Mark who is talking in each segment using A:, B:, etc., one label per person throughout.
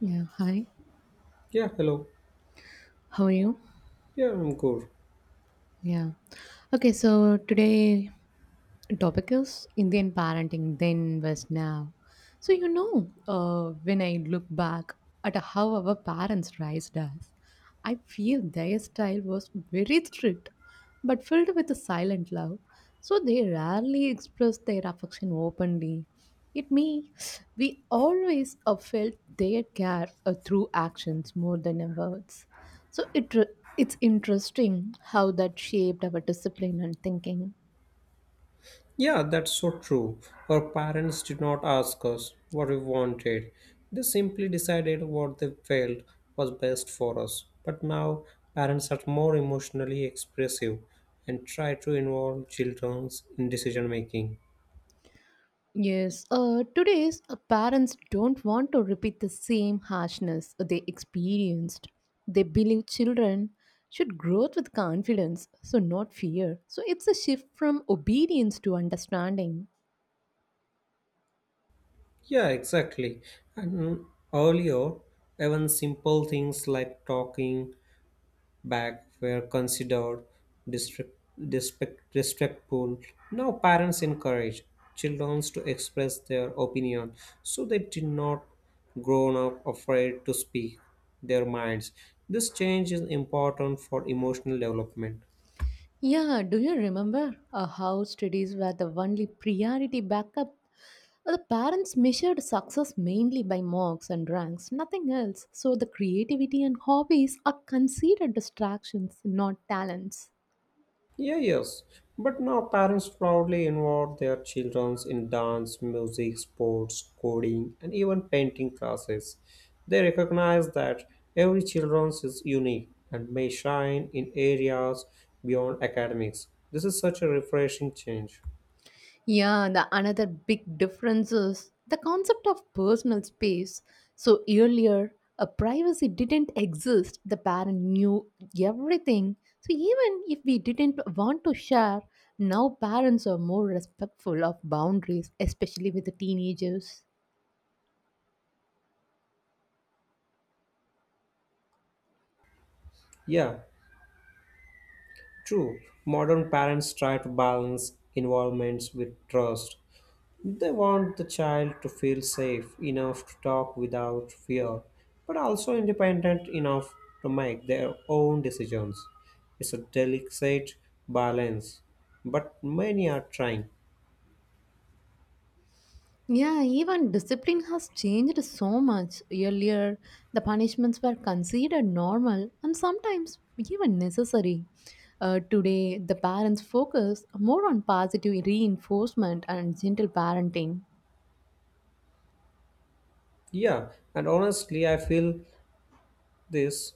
A: Yeah, hi.
B: Yeah, hello.
A: How are you?
B: Yeah, I'm good.
A: Yeah. Okay, so today topic is Indian parenting then versus now. So when I look back at how our parents raised us, I feel their style was very strict, but filled with a silent love. So they rarely expressed their affection openly. It me, we always felt their care through actions more than in words. So it's interesting how that shaped our discipline and thinking.
B: Yeah, that's so true. Our parents did not ask us what we wanted. They simply decided what they felt was best for us. But now, parents are more emotionally expressive and try to involve children in decision making.
A: Yes, today's parents don't want to repeat the same harshness they experienced. They believe children should grow with confidence, so not fear. So it's a shift from obedience to understanding.
B: Yeah, exactly. And earlier, even simple things like talking back were considered disrespect, disrespectful. Now parents encourage children to express their opinion, so they did not grown up afraid to speak their minds. This change is important for emotional development.
A: Yeah, do you remember how studies were the only priority backup? The parents measured success mainly by marks and ranks, nothing else. So the creativity and hobbies are considered distractions, not talents.
B: Yeah, yes. But now parents proudly involve their children in dance, music, sports, coding, and even painting classes. They recognize that every child is unique and may shine in areas beyond academics. This is such a refreshing change.
A: Yeah, the another big difference is the concept of personal space. So earlier, a privacy didn't exist. The parent knew everything. So even if we didn't want to share, now parents are more respectful of boundaries, especially with the teenagers.
B: Yeah, true. Modern parents try to balance involvements with trust. They want the child to feel safe enough to talk without fear, but also independent enough to make their own decisions. It's a delicate balance, but many are trying.
A: Yeah, even discipline has changed so much. Earlier, the punishments were considered normal and sometimes even necessary. Today, the parents focus more on positive reinforcement and gentle parenting.
B: Yeah, and honestly, I feel this.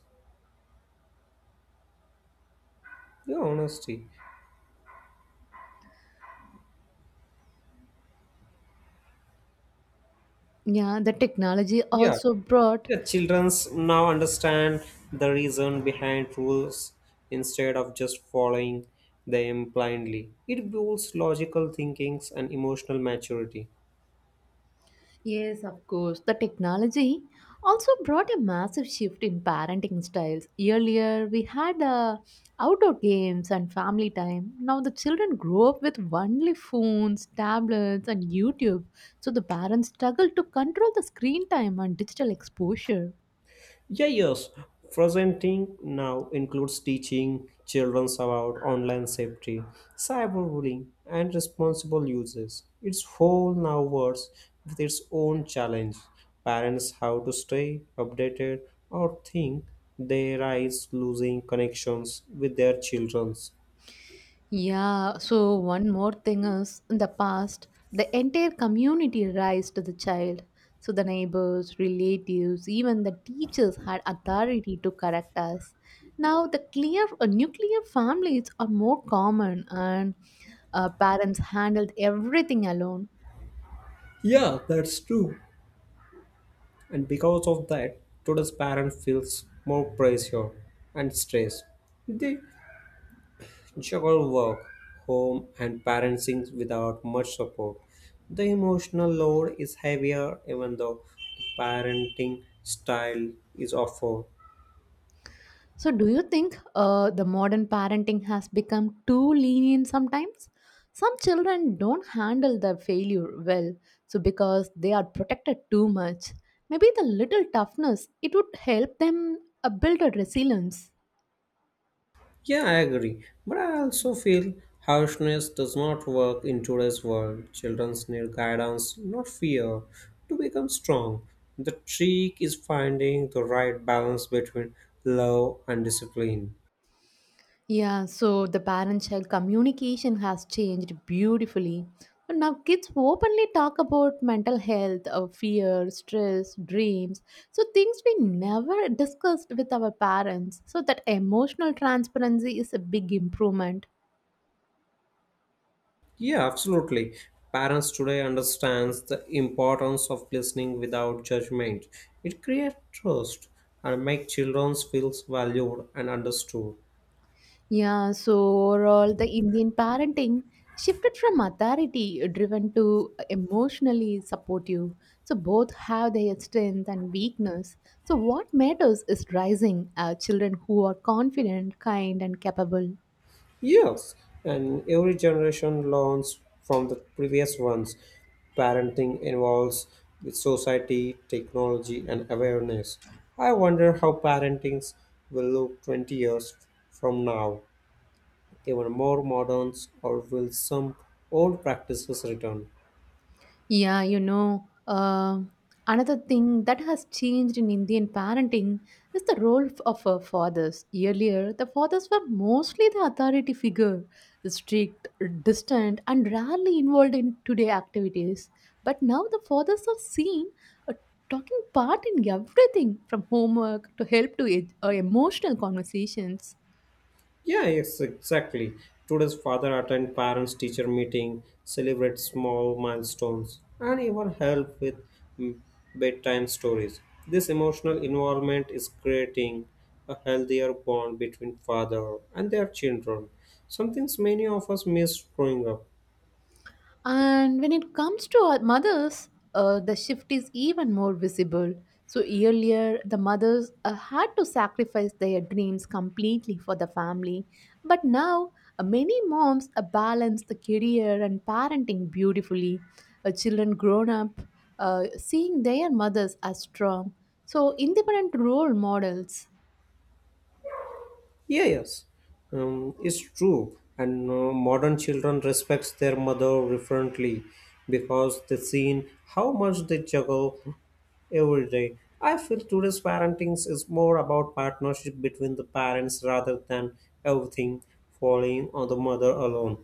B: Yeah, honesty.
A: Yeah, the technology
B: Yeah,
A: also brought
B: yeah. Childrens now understand the reason behind rules instead of just following them blindly. It builds logical thinkings and emotional maturity.
A: Yes, of course. The technology also brought a massive shift in parenting styles. Earlier, we had outdoor games and family time. Now, the children grow up with only phones, tablets, and YouTube. So, the parents struggle to control the screen time and digital exposure.
B: Yeah, yes. Presenting now includes teaching children about online safety, cyberbullying, and responsible uses. Its whole now works with its own challenge. Parents have to stay updated or think they rise losing connections with their children's.
A: Yeah, so one more thing is in the past, the entire community raised the child. So the neighbors, relatives, even the teachers had authority to correct us. Now the clear nuclear families are more common and parents handled everything alone.
B: Yeah, that's true. And because of that, today's parent feels more pressure and stress. They juggle work, home, and parenting without much support. The emotional load is heavier, even though the parenting style is awful.
A: So, do you think the modern parenting has become too lenient sometimes? Some children don't handle their failure well, so because they are protected too much. Maybe the little toughness it would help them build a resilience.
B: Yeah, I agree, but I also feel harshness does not work in today's world. Children need guidance, not fear, to become strong. The trick is finding the right balance between love and discipline.
A: Yeah, so the parent child communication has changed beautifully. But now kids openly talk about mental health, fear, stress, dreams. So things we never discussed with our parents. So that emotional transparency is a big improvement.
B: Yeah, absolutely. Parents today understands the importance of listening without judgment. It creates trust and make children feel valued and understood.
A: Yeah, so overall, the Indian parenting shifted from authority driven to emotionally supportive. So both have their strength and weakness. So what matters is raising children who are confident, kind, and capable.
B: Yes, and every generation learns from the previous ones. Parenting involves with society, technology, and awareness. I wonder how parentings will look 20 years from now. Even more moderns, or will some old practices return?
A: Yeah, another thing that has changed in Indian parenting is the role of fathers. Earlier, the fathers were mostly the authority figure, strict, distant, and rarely involved in today activities. But now the fathers are seen uh, talking part in everything from homework to help to emotional conversations.
B: Yeah, yes, exactly. Today's father attend parents teacher meeting, celebrate small milestones, and even help with mm, bedtime stories. This emotional involvement is creating a healthier bond between father and their children. Something many of us miss growing up.
A: And when it comes to our mothers, the shift is even more visible. So, earlier, the mothers had to sacrifice their dreams completely for the family. But now, many moms balance the career and parenting beautifully. Children grown up, seeing their mothers as strong. So, independent role models.
B: Yeah, yes, it's true. And modern children respects their mother differently because they seen how much they juggle every day. I feel today's parenting is more about partnership between the parents rather than everything falling on the mother alone.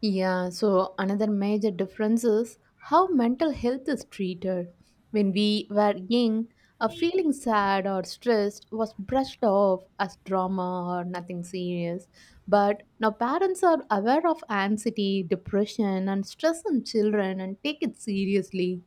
A: Yeah, so another major difference is how mental health is treated. When we were young, a feeling sad or stressed was brushed off as drama or nothing serious. But now parents are aware of anxiety, depression, and stress in children and take it seriously.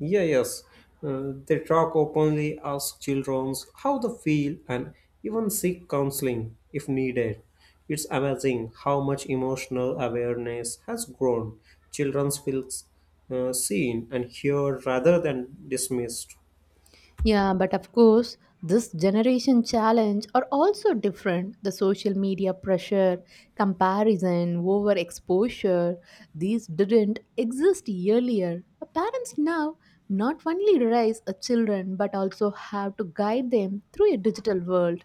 B: Yeah, yes, they talk openly, ask children how they feel, and even seek counseling if needed. It's amazing how much emotional awareness has grown. Children feel seen and heard rather than dismissed.
A: Yeah, but of course, this generation challenge are also different. The social media pressure, comparison, overexposure, these didn't exist earlier. The Parents now not only raise a children but also have to guide them through a digital world.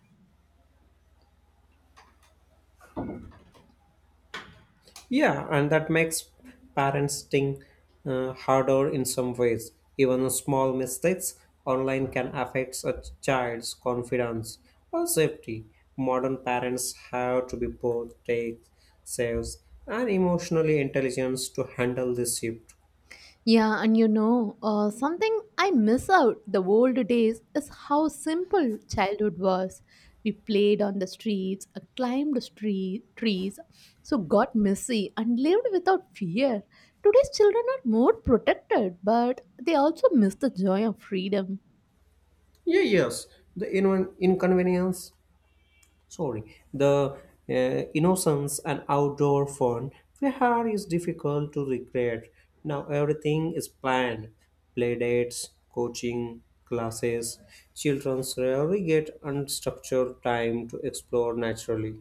B: Yeah, and that makes parenting harder in some ways. Even small mistakes online can affect a child's confidence or safety. Modern parents have to be both tech saves and emotionally intelligent to handle this shift.
A: Yeah, something I miss out the old days is how simple childhood was. We played on the streets, climbed trees, so got messy and lived without fear. Today's children are more protected, but they also miss the joy of freedom.
B: Yeah, yes, the inconvenience sorry, the uh, innocence and outdoor fun we had is difficult to recreate. Now everything is planned. Play dates, coaching, classes. Children rarely get unstructured time to explore naturally.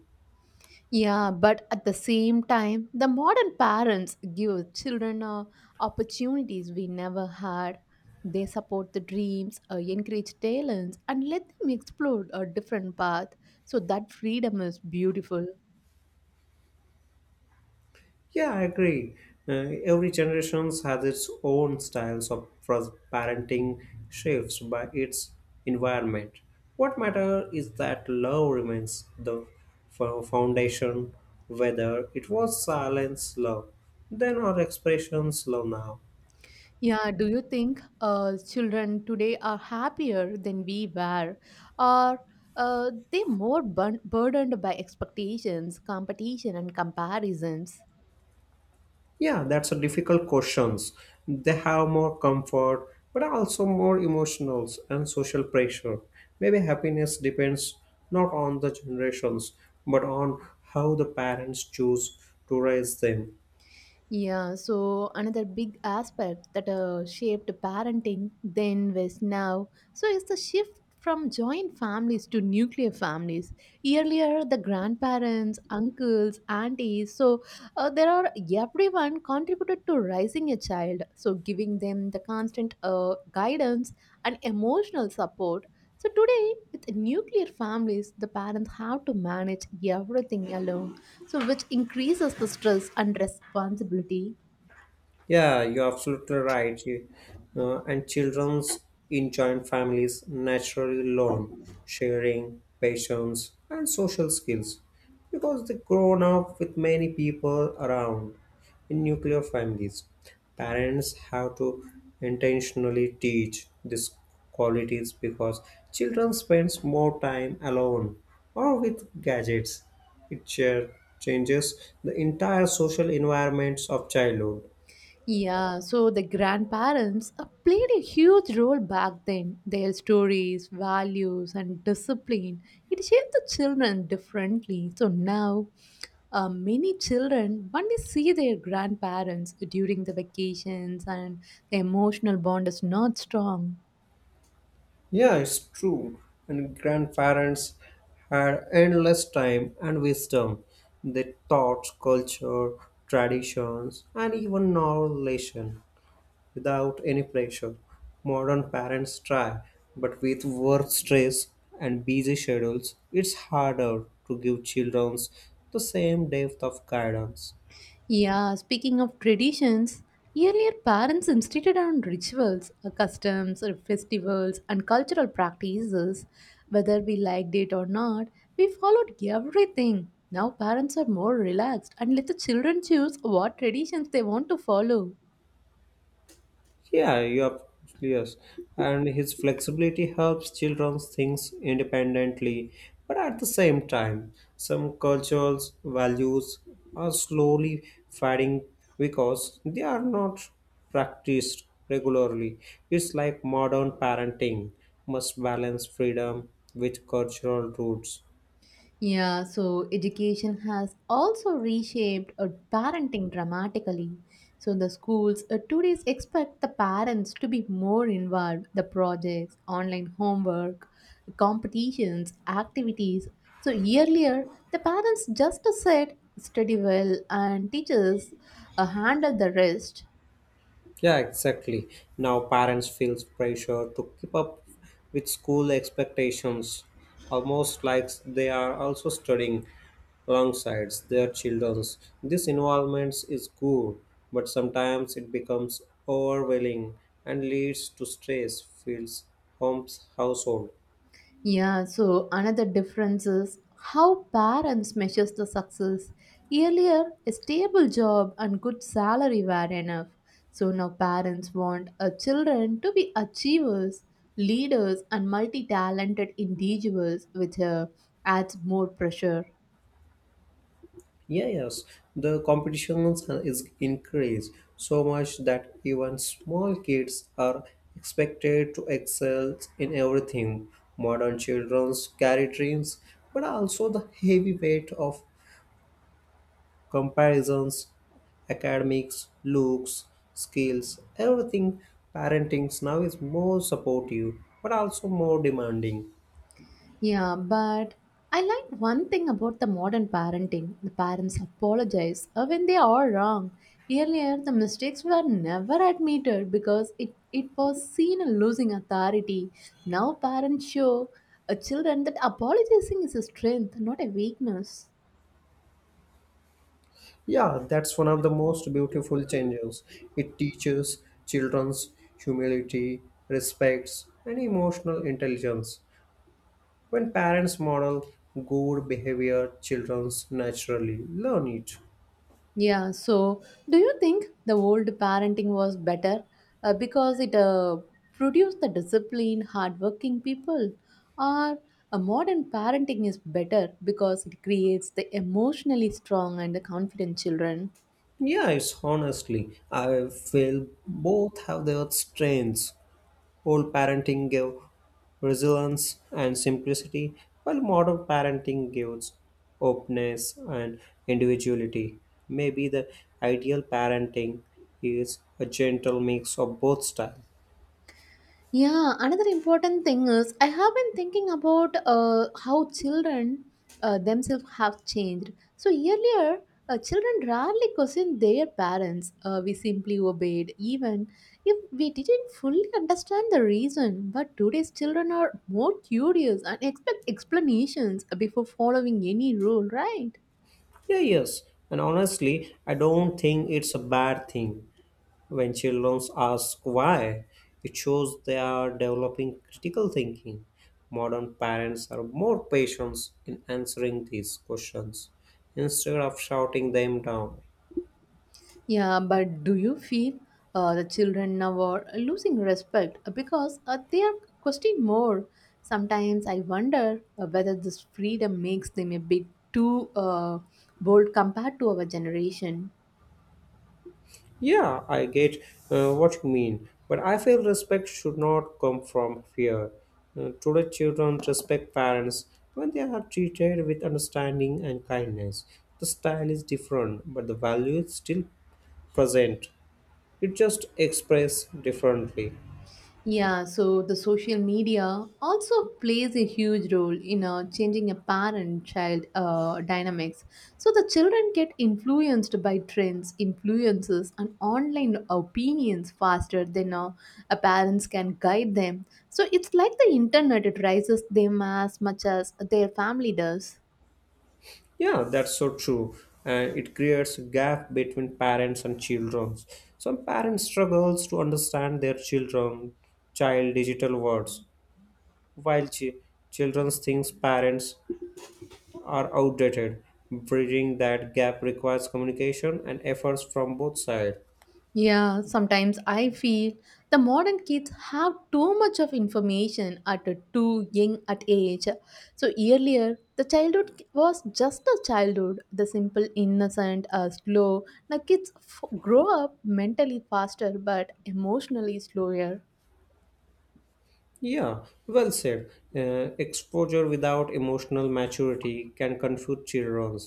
A: Yeah, but at the same time, the modern parents give children opportunities we never had. They support the dreams, encourage talents, and let them explore a different path. So that freedom is beautiful.
B: Yeah, I agree. Every generations has its own styles of parenting shapes by its environment. What matter is that love remains the foundation, whether it was silence love then or expressions love now.
A: Yeah, do you think children today are happier than we were? Or they more burdened by expectations, competition, and comparisons?
B: Yeah, that's a difficult questions. They have more comfort, but also more emotionals and social pressure. Maybe happiness depends not on the generations, but on how the parents choose to raise them.
A: Yeah, so another big aspect that shaped parenting then was now. So is the shift from joint families to nuclear families. Earlier, the grandparents, uncles, aunties, so there are everyone contributed to raising a child. So giving them the constant guidance and emotional support. So today, with nuclear families, the parents have to manage everything alone, so which increases the stress and responsibility.
B: Yeah, you're absolutely right. And children's in joint families naturally learn sharing, patience, and social skills because they grown up with many people around. In nuclear families, parents have to intentionally teach these qualities because children spends more time alone or with gadgets. It changes the entire social environments of childhood.
A: Yeah, so the grandparents played a huge role back then. Their stories, values, and discipline it shaped the children differently. So now, many children only see their grandparents during the vacations, and the emotional bond is not strong.
B: Yeah, it's true. And grandparents had endless time and wisdom. They taught culture, traditions, and even knowledge without any pressure. Modern parents try, but with work stress and busy schedules, it's harder to give children the same depth of guidance.
A: Yeah, speaking of traditions, earlier parents insisted on rituals, customs, or festivals, and cultural practices. Whether we liked it or not, we followed everything. Now parents are more relaxed and let the children choose what traditions they want to follow.
B: Yeah, you are absolutely yes. And his flexibility helps children think independently, but at the same time, some cultures values are slowly fading because they are not practiced regularly. It's like modern parenting must balance freedom with cultural roots.
A: Yeah, so education has also reshaped parenting dramatically. So the schools today expect the parents to be more involved. The projects, online homework, competitions, activities. So earlier, the parents just said study well and teachers handle the rest.
B: Yeah, exactly. Now parents feels pressure to keep up with school expectations, almost like they are also studying alongside their children's. This involvement is good, but sometimes it becomes overwhelming and leads to stress, feels homes household.
A: Yeah, so another difference is how parents measures the success. Earlier, a stable job and good salary were enough. So now parents want our children to be achievers, leaders, and multi-talented individuals, which adds more pressure.
B: Yeah, yes, the competitions is increased so much that even small kids are expected to excel in everything. Modern children carry dreams, but also the heavy weight of comparisons, academics, looks, skills, everything. Parenting now is more supportive, but also more demanding.
A: Yeah, but I like one thing about the modern parenting. The parents apologize when they are wrong. Earlier, the mistakes were never admitted because it was seen as losing authority. Now, parents show children that apologizing is a strength, not a weakness.
B: Yeah, that's one of the most beautiful changes. It teaches children's humility, respects, and emotional intelligence. When parents model good behavior, children naturally learn it.
A: Yeah, so do you think the old parenting was better because it produced the disciplined, hardworking people, or a modern parenting is better because it creates the emotionally strong and the confident children?
B: Yeah, it's honestly, I feel both have their strengths. Old parenting gave resilience and simplicity, while modern parenting gives openness and individuality. Maybe the ideal parenting is a gentle mix of both styles.
A: Yeah, another important thing is I have been thinking about how children themselves have changed. So earlier, children rarely questioned their parents. We simply obeyed, even if we didn't fully understand the reason. But today's children are more curious and expect explanations before following any rule, right?
B: Yeah, yes. And honestly, I don't think it's a bad thing. When children ask why, it shows they are developing critical thinking. Modern parents are more patient in answering these questions instead of shouting them down.
A: Yeah, but do you feel the children now are losing respect because they are questioning more? Sometimes I wonder whether this freedom makes them a bit too bold compared to our generation.
B: Yeah, I get what you mean, but I feel respect should not come from fear. Today, children respect parents when they are treated with understanding and kindness. The style is different, but the value is still present. It just expressed differently.
A: Yeah, so the social media also plays a huge role in changing a parent-child dynamics. So the children get influenced by trends, influences, and online opinions faster than a parents can guide them. So it's like the internet; it raises them as much as their family does.
B: Yeah, that's so true. And it creates a gap between parents and children. Some parents struggles to understand their children child digital words, while children thinks parents are outdated. Bridging that gap requires communication and efforts from both sides.
A: Yeah, sometimes I feel the modern kids have too much of information at a too young at age. So earlier, the childhood was just a childhood, the simple, innocent, slow. Now kids grow up mentally faster but emotionally slower.
B: Yeah, well said. Exposure without emotional maturity can confuse children.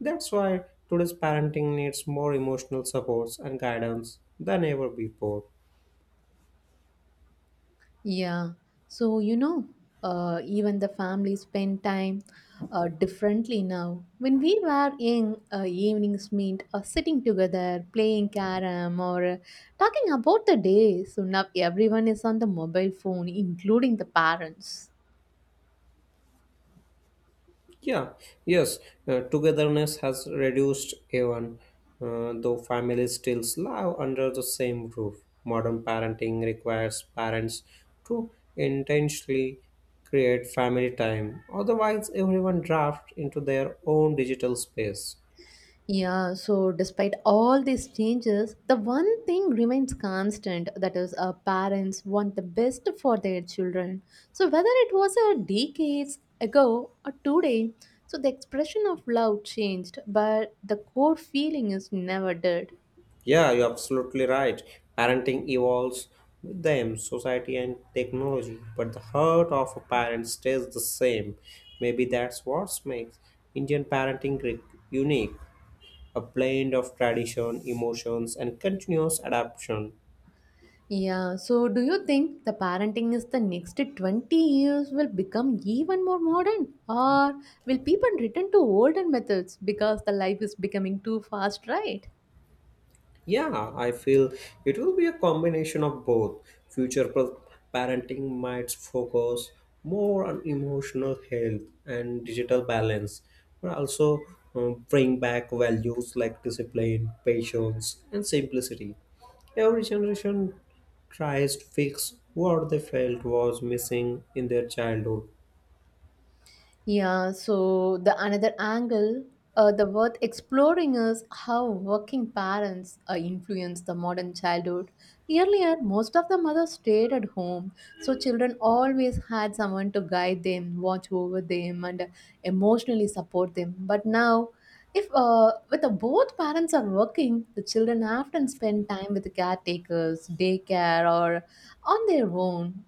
B: That's why today's parenting needs more emotional supports and guidance than ever before.
A: Yeah. So, even the family spend time differently now. When we were young, evenings meant sitting together, playing carom, or talking about the day. So now everyone is on the mobile phone, including the parents.
B: Yeah, yes, togetherness has reduced even though families still live under the same roof. Modern parenting requires parents to intentionally create family time; otherwise, everyone drafts into their own digital space.
A: Yeah, so despite all these changes, the one thing remains constant that is, our parents want the best for their children. So, whether it was a decades ago or today, so the expression of love changed, but the core feeling is never dead.
B: Yeah, you're absolutely right. Parenting evolves with them, society and technology, but the heart of a parent stays the same. Maybe that's what makes Indian parenting unique, a blend of tradition, emotions, and continuous adaptation.
A: Yeah, so do you think the parenting is the next 20 years will become even more modern, or will people return to older methods because the life is becoming too fast, right?
B: Yeah, I feel it will be a combination of both. Future parenting might focus more on emotional health and digital balance, but also bring back values like discipline, patience, and simplicity. Every generation tries to fix what they felt was missing in their childhood.
A: Yeah, so the another angle the worth exploring is how working parents influence the modern childhood. Earlier, most of the mothers stayed at home, so children always had someone to guide them, watch over them, and emotionally support them. But now, if with the both parents are working, the children often spend time with the caretakers, daycare, or on their own.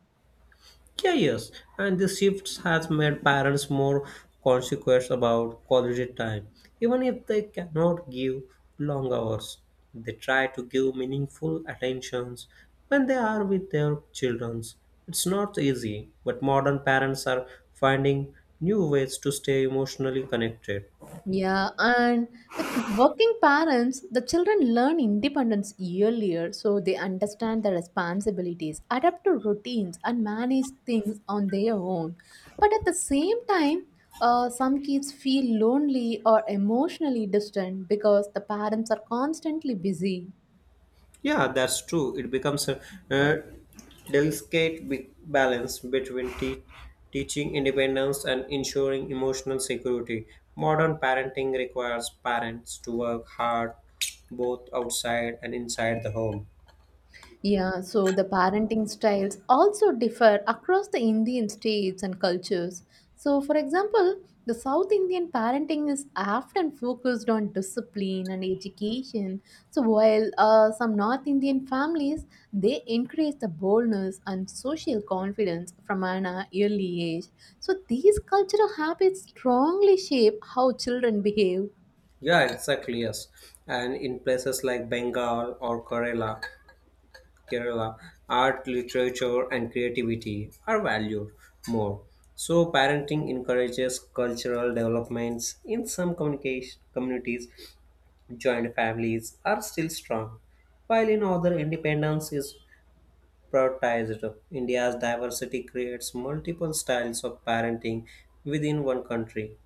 B: Yeah, yes, and this shift has made parents more conscious about quality time. Even if they cannot give long hours, they try to give meaningful attentions when they are with their children. It's not easy, but modern parents are finding new ways to stay emotionally connected.
A: Yeah, and with working parents, the children learn independence earlier so they understand the responsibilities, adapt to routines, and manage things on their own. But at the same time, some kids feel lonely or emotionally distant because the parents are constantly busy.
B: Yeah, that's true. It becomes a uh, delicate balance between teaching independence and ensuring emotional security. Modern parenting requires parents to work hard both outside and inside the home.
A: Yeah, so the parenting styles also differ across the Indian states and cultures. So, for example, the South Indian parenting is often focused on discipline and education. So, while some North Indian families they encourage the boldness and social confidence from an early age. So, these cultural habits strongly shape how children behave.
B: Yeah, exactly. Yes, and in places like Bengal or Kerala, art, literature, and creativity are valued more. So, parenting encourages cultural developments. In some communication communities, joint families are still strong, while in other, independence is prioritized. India's diversity creates multiple styles of parenting within one country.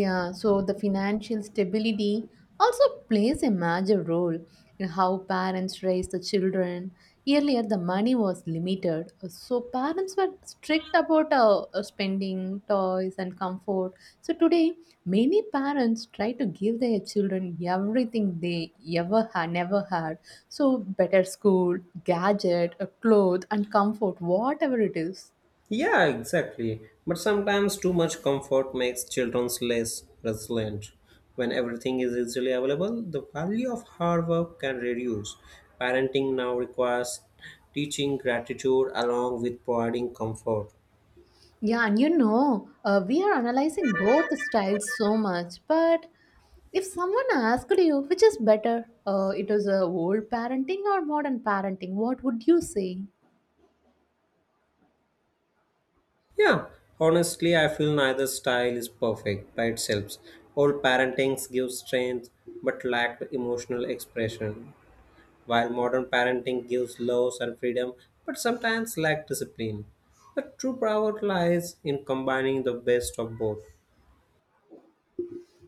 A: Yeah, so the financial stability also plays a major role in how parents raise the children. Earlier, the money was limited, so parents were strict about spending, toys, and comfort. So today, many parents try to give their children everything they ever had, never had. So better school, gadget, a cloth, and comfort, whatever it is.
B: Yeah, exactly. But sometimes too much comfort makes children less resilient. When everything is easily available, the value of hard work can reduce. Parenting now requires teaching gratitude along with providing comfort.
A: Yeah, we are analyzing both styles so much, but if someone asked you which is better, it was old parenting or modern parenting, what would you say?
B: Yeah, honestly, I feel neither style is perfect by itself. All parentings give strength but lack emotional expression. While modern parenting gives laws and freedom, but sometimes lacks discipline. The true power lies in combining the best of both.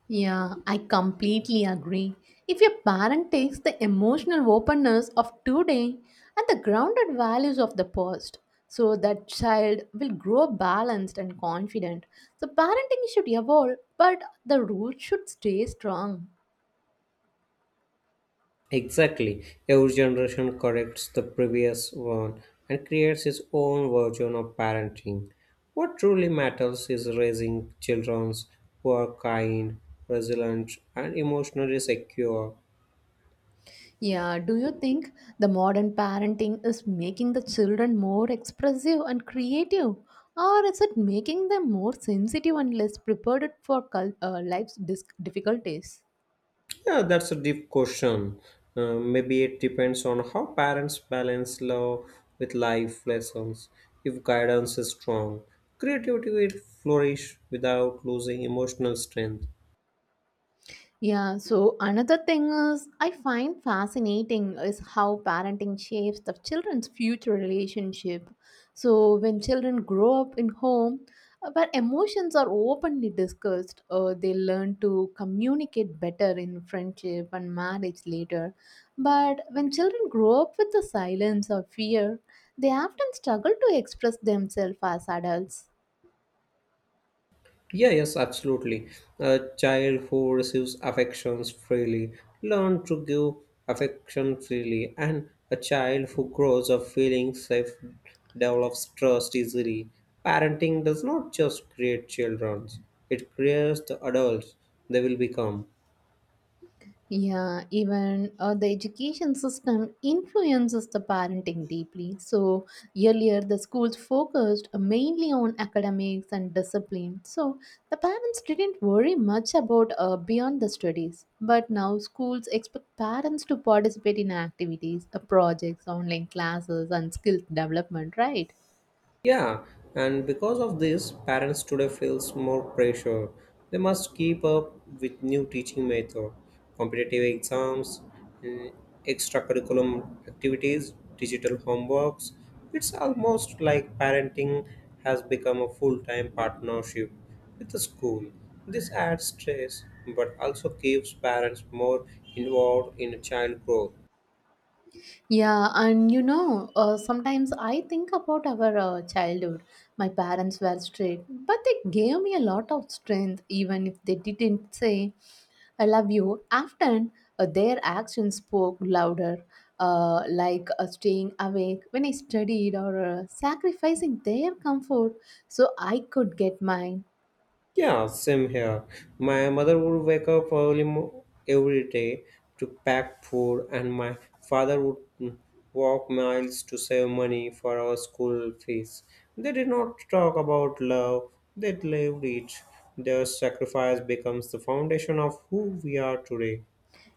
A: Yeah, I completely agree. If your parent takes the emotional openness of today and the grounded values of the past, so that child will grow balanced and confident. So parenting should evolve, but the roots should stay strong.
B: Exactly. Every generation corrects the previous one and creates its own version of parenting. What truly matters is raising children who are kind, resilient, and emotionally secure.
A: Yeah, do you think the modern parenting is making the children more expressive and creative? Or is it making them more sensitive and less prepared for life's difficulties?
B: Yeah, that's a deep question. Maybe it depends on how parents balance love with life lessons. If guidance is strong, creativity will flourish without losing emotional strength.
A: Yeah, so another thing is I find fascinating is how parenting shapes the children's future relationship. So when children grow up in home where emotions are openly discussed, they learn to communicate better in friendship and marriage later. But when children grow up with the silence or fear, they often struggle to express themselves as adults.
B: Yeah, yes, absolutely. A child who receives affections freely learn to give affection freely, and a child who grows up feeling safe develops trust easily. Parenting does not just create children; it creates the adults they will become.
A: Yeah, even the education system influences the parenting deeply. So, earlier the schools focused mainly on academics and discipline. So, the parents didn't worry much about beyond the studies. But now schools expect parents to participate in activities, projects, online classes, and skill development, right?
B: Yeah, and because of this, parents today feels more pressure. They must keep up with new teaching method, competitive exams, mm, extracurriculum activities, digital homeworks. It's almost like parenting has become a full-time partnership with the school. This adds stress, but also keeps parents more involved in child growth.
A: Yeah, sometimes I think about our childhood. My parents were strict, but they gave me a lot of strength, even if they didn't say, I love you. Often, their actions spoke louder, like staying awake when I studied or sacrificing their comfort so I could get mine.
B: Yeah, same here. My mother would wake up early every day to pack food, and my father would walk miles to save money for our school fees. They did not talk about love, they lived it. Their sacrifice becomes the foundation of who we are today.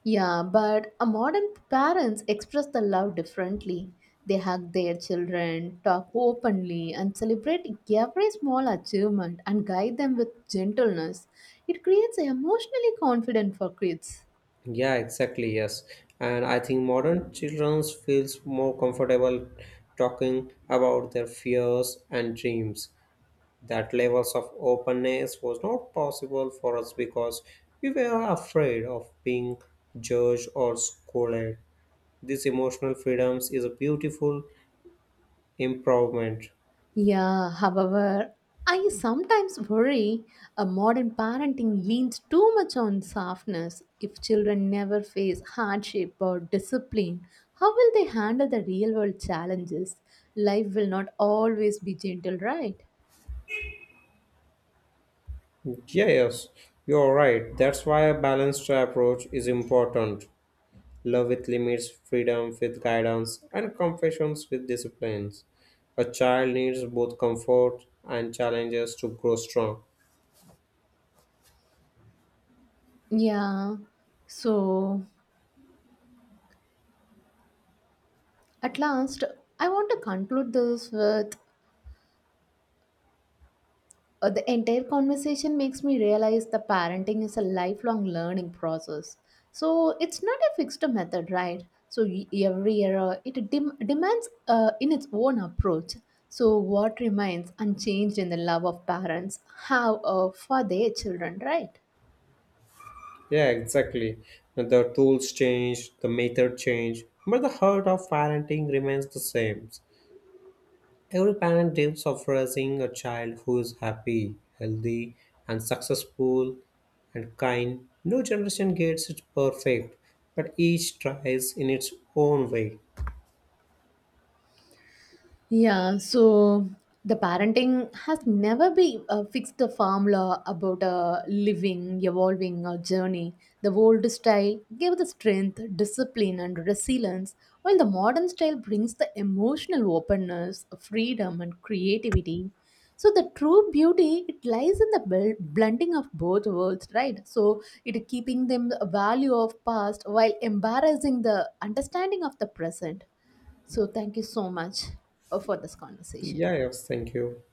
A: Yeah, but a modern parents express the love differently. They hug their children, talk openly, and celebrate every small achievement and guide them with gentleness. It creates an emotionally confident for kids.
B: Yeah, exactly, yes. And I think modern children feels more comfortable talking about their fears and dreams. That levels of openness was not possible for us because we were afraid of being judged or scolded. This emotional freedoms is a beautiful improvement.
A: Yeah, however, I sometimes worry a modern parenting leans too much on softness. If children never face hardship or discipline, how will they handle the real world challenges? Life will not always be gentle, right?
B: Yes, you're right. That's why a balanced approach is important. Love with limits, freedom with guidance, and confessions with disciplines. A child needs both comfort and challenges to grow strong.
A: Yeah. So, at last, I want to conclude this with the entire conversation makes me realize the parenting is a lifelong learning process. So it's not a fixed method, right? So every era it demands in its own approach. So what remains unchanged in the love of parents have for their children, right?
B: Yeah, exactly. The tools change, the method change, but the heart of parenting remains the same. Every parent dreams of raising a child who is happy, healthy, and successful and kind. No generation gets it perfect, but each tries in its own way.
A: Yeah, so the parenting has never been a fixed formula about a living, evolving a journey. The old style gave the strength, discipline, and resilience, while the modern style brings the emotional openness, freedom, and creativity. So the true beauty it lies in the blending of both worlds, right? So it keeping them the value of past while embarrassing the understanding of the present. So, thank you so much for this conversation.
B: Yeah, yes, thank you.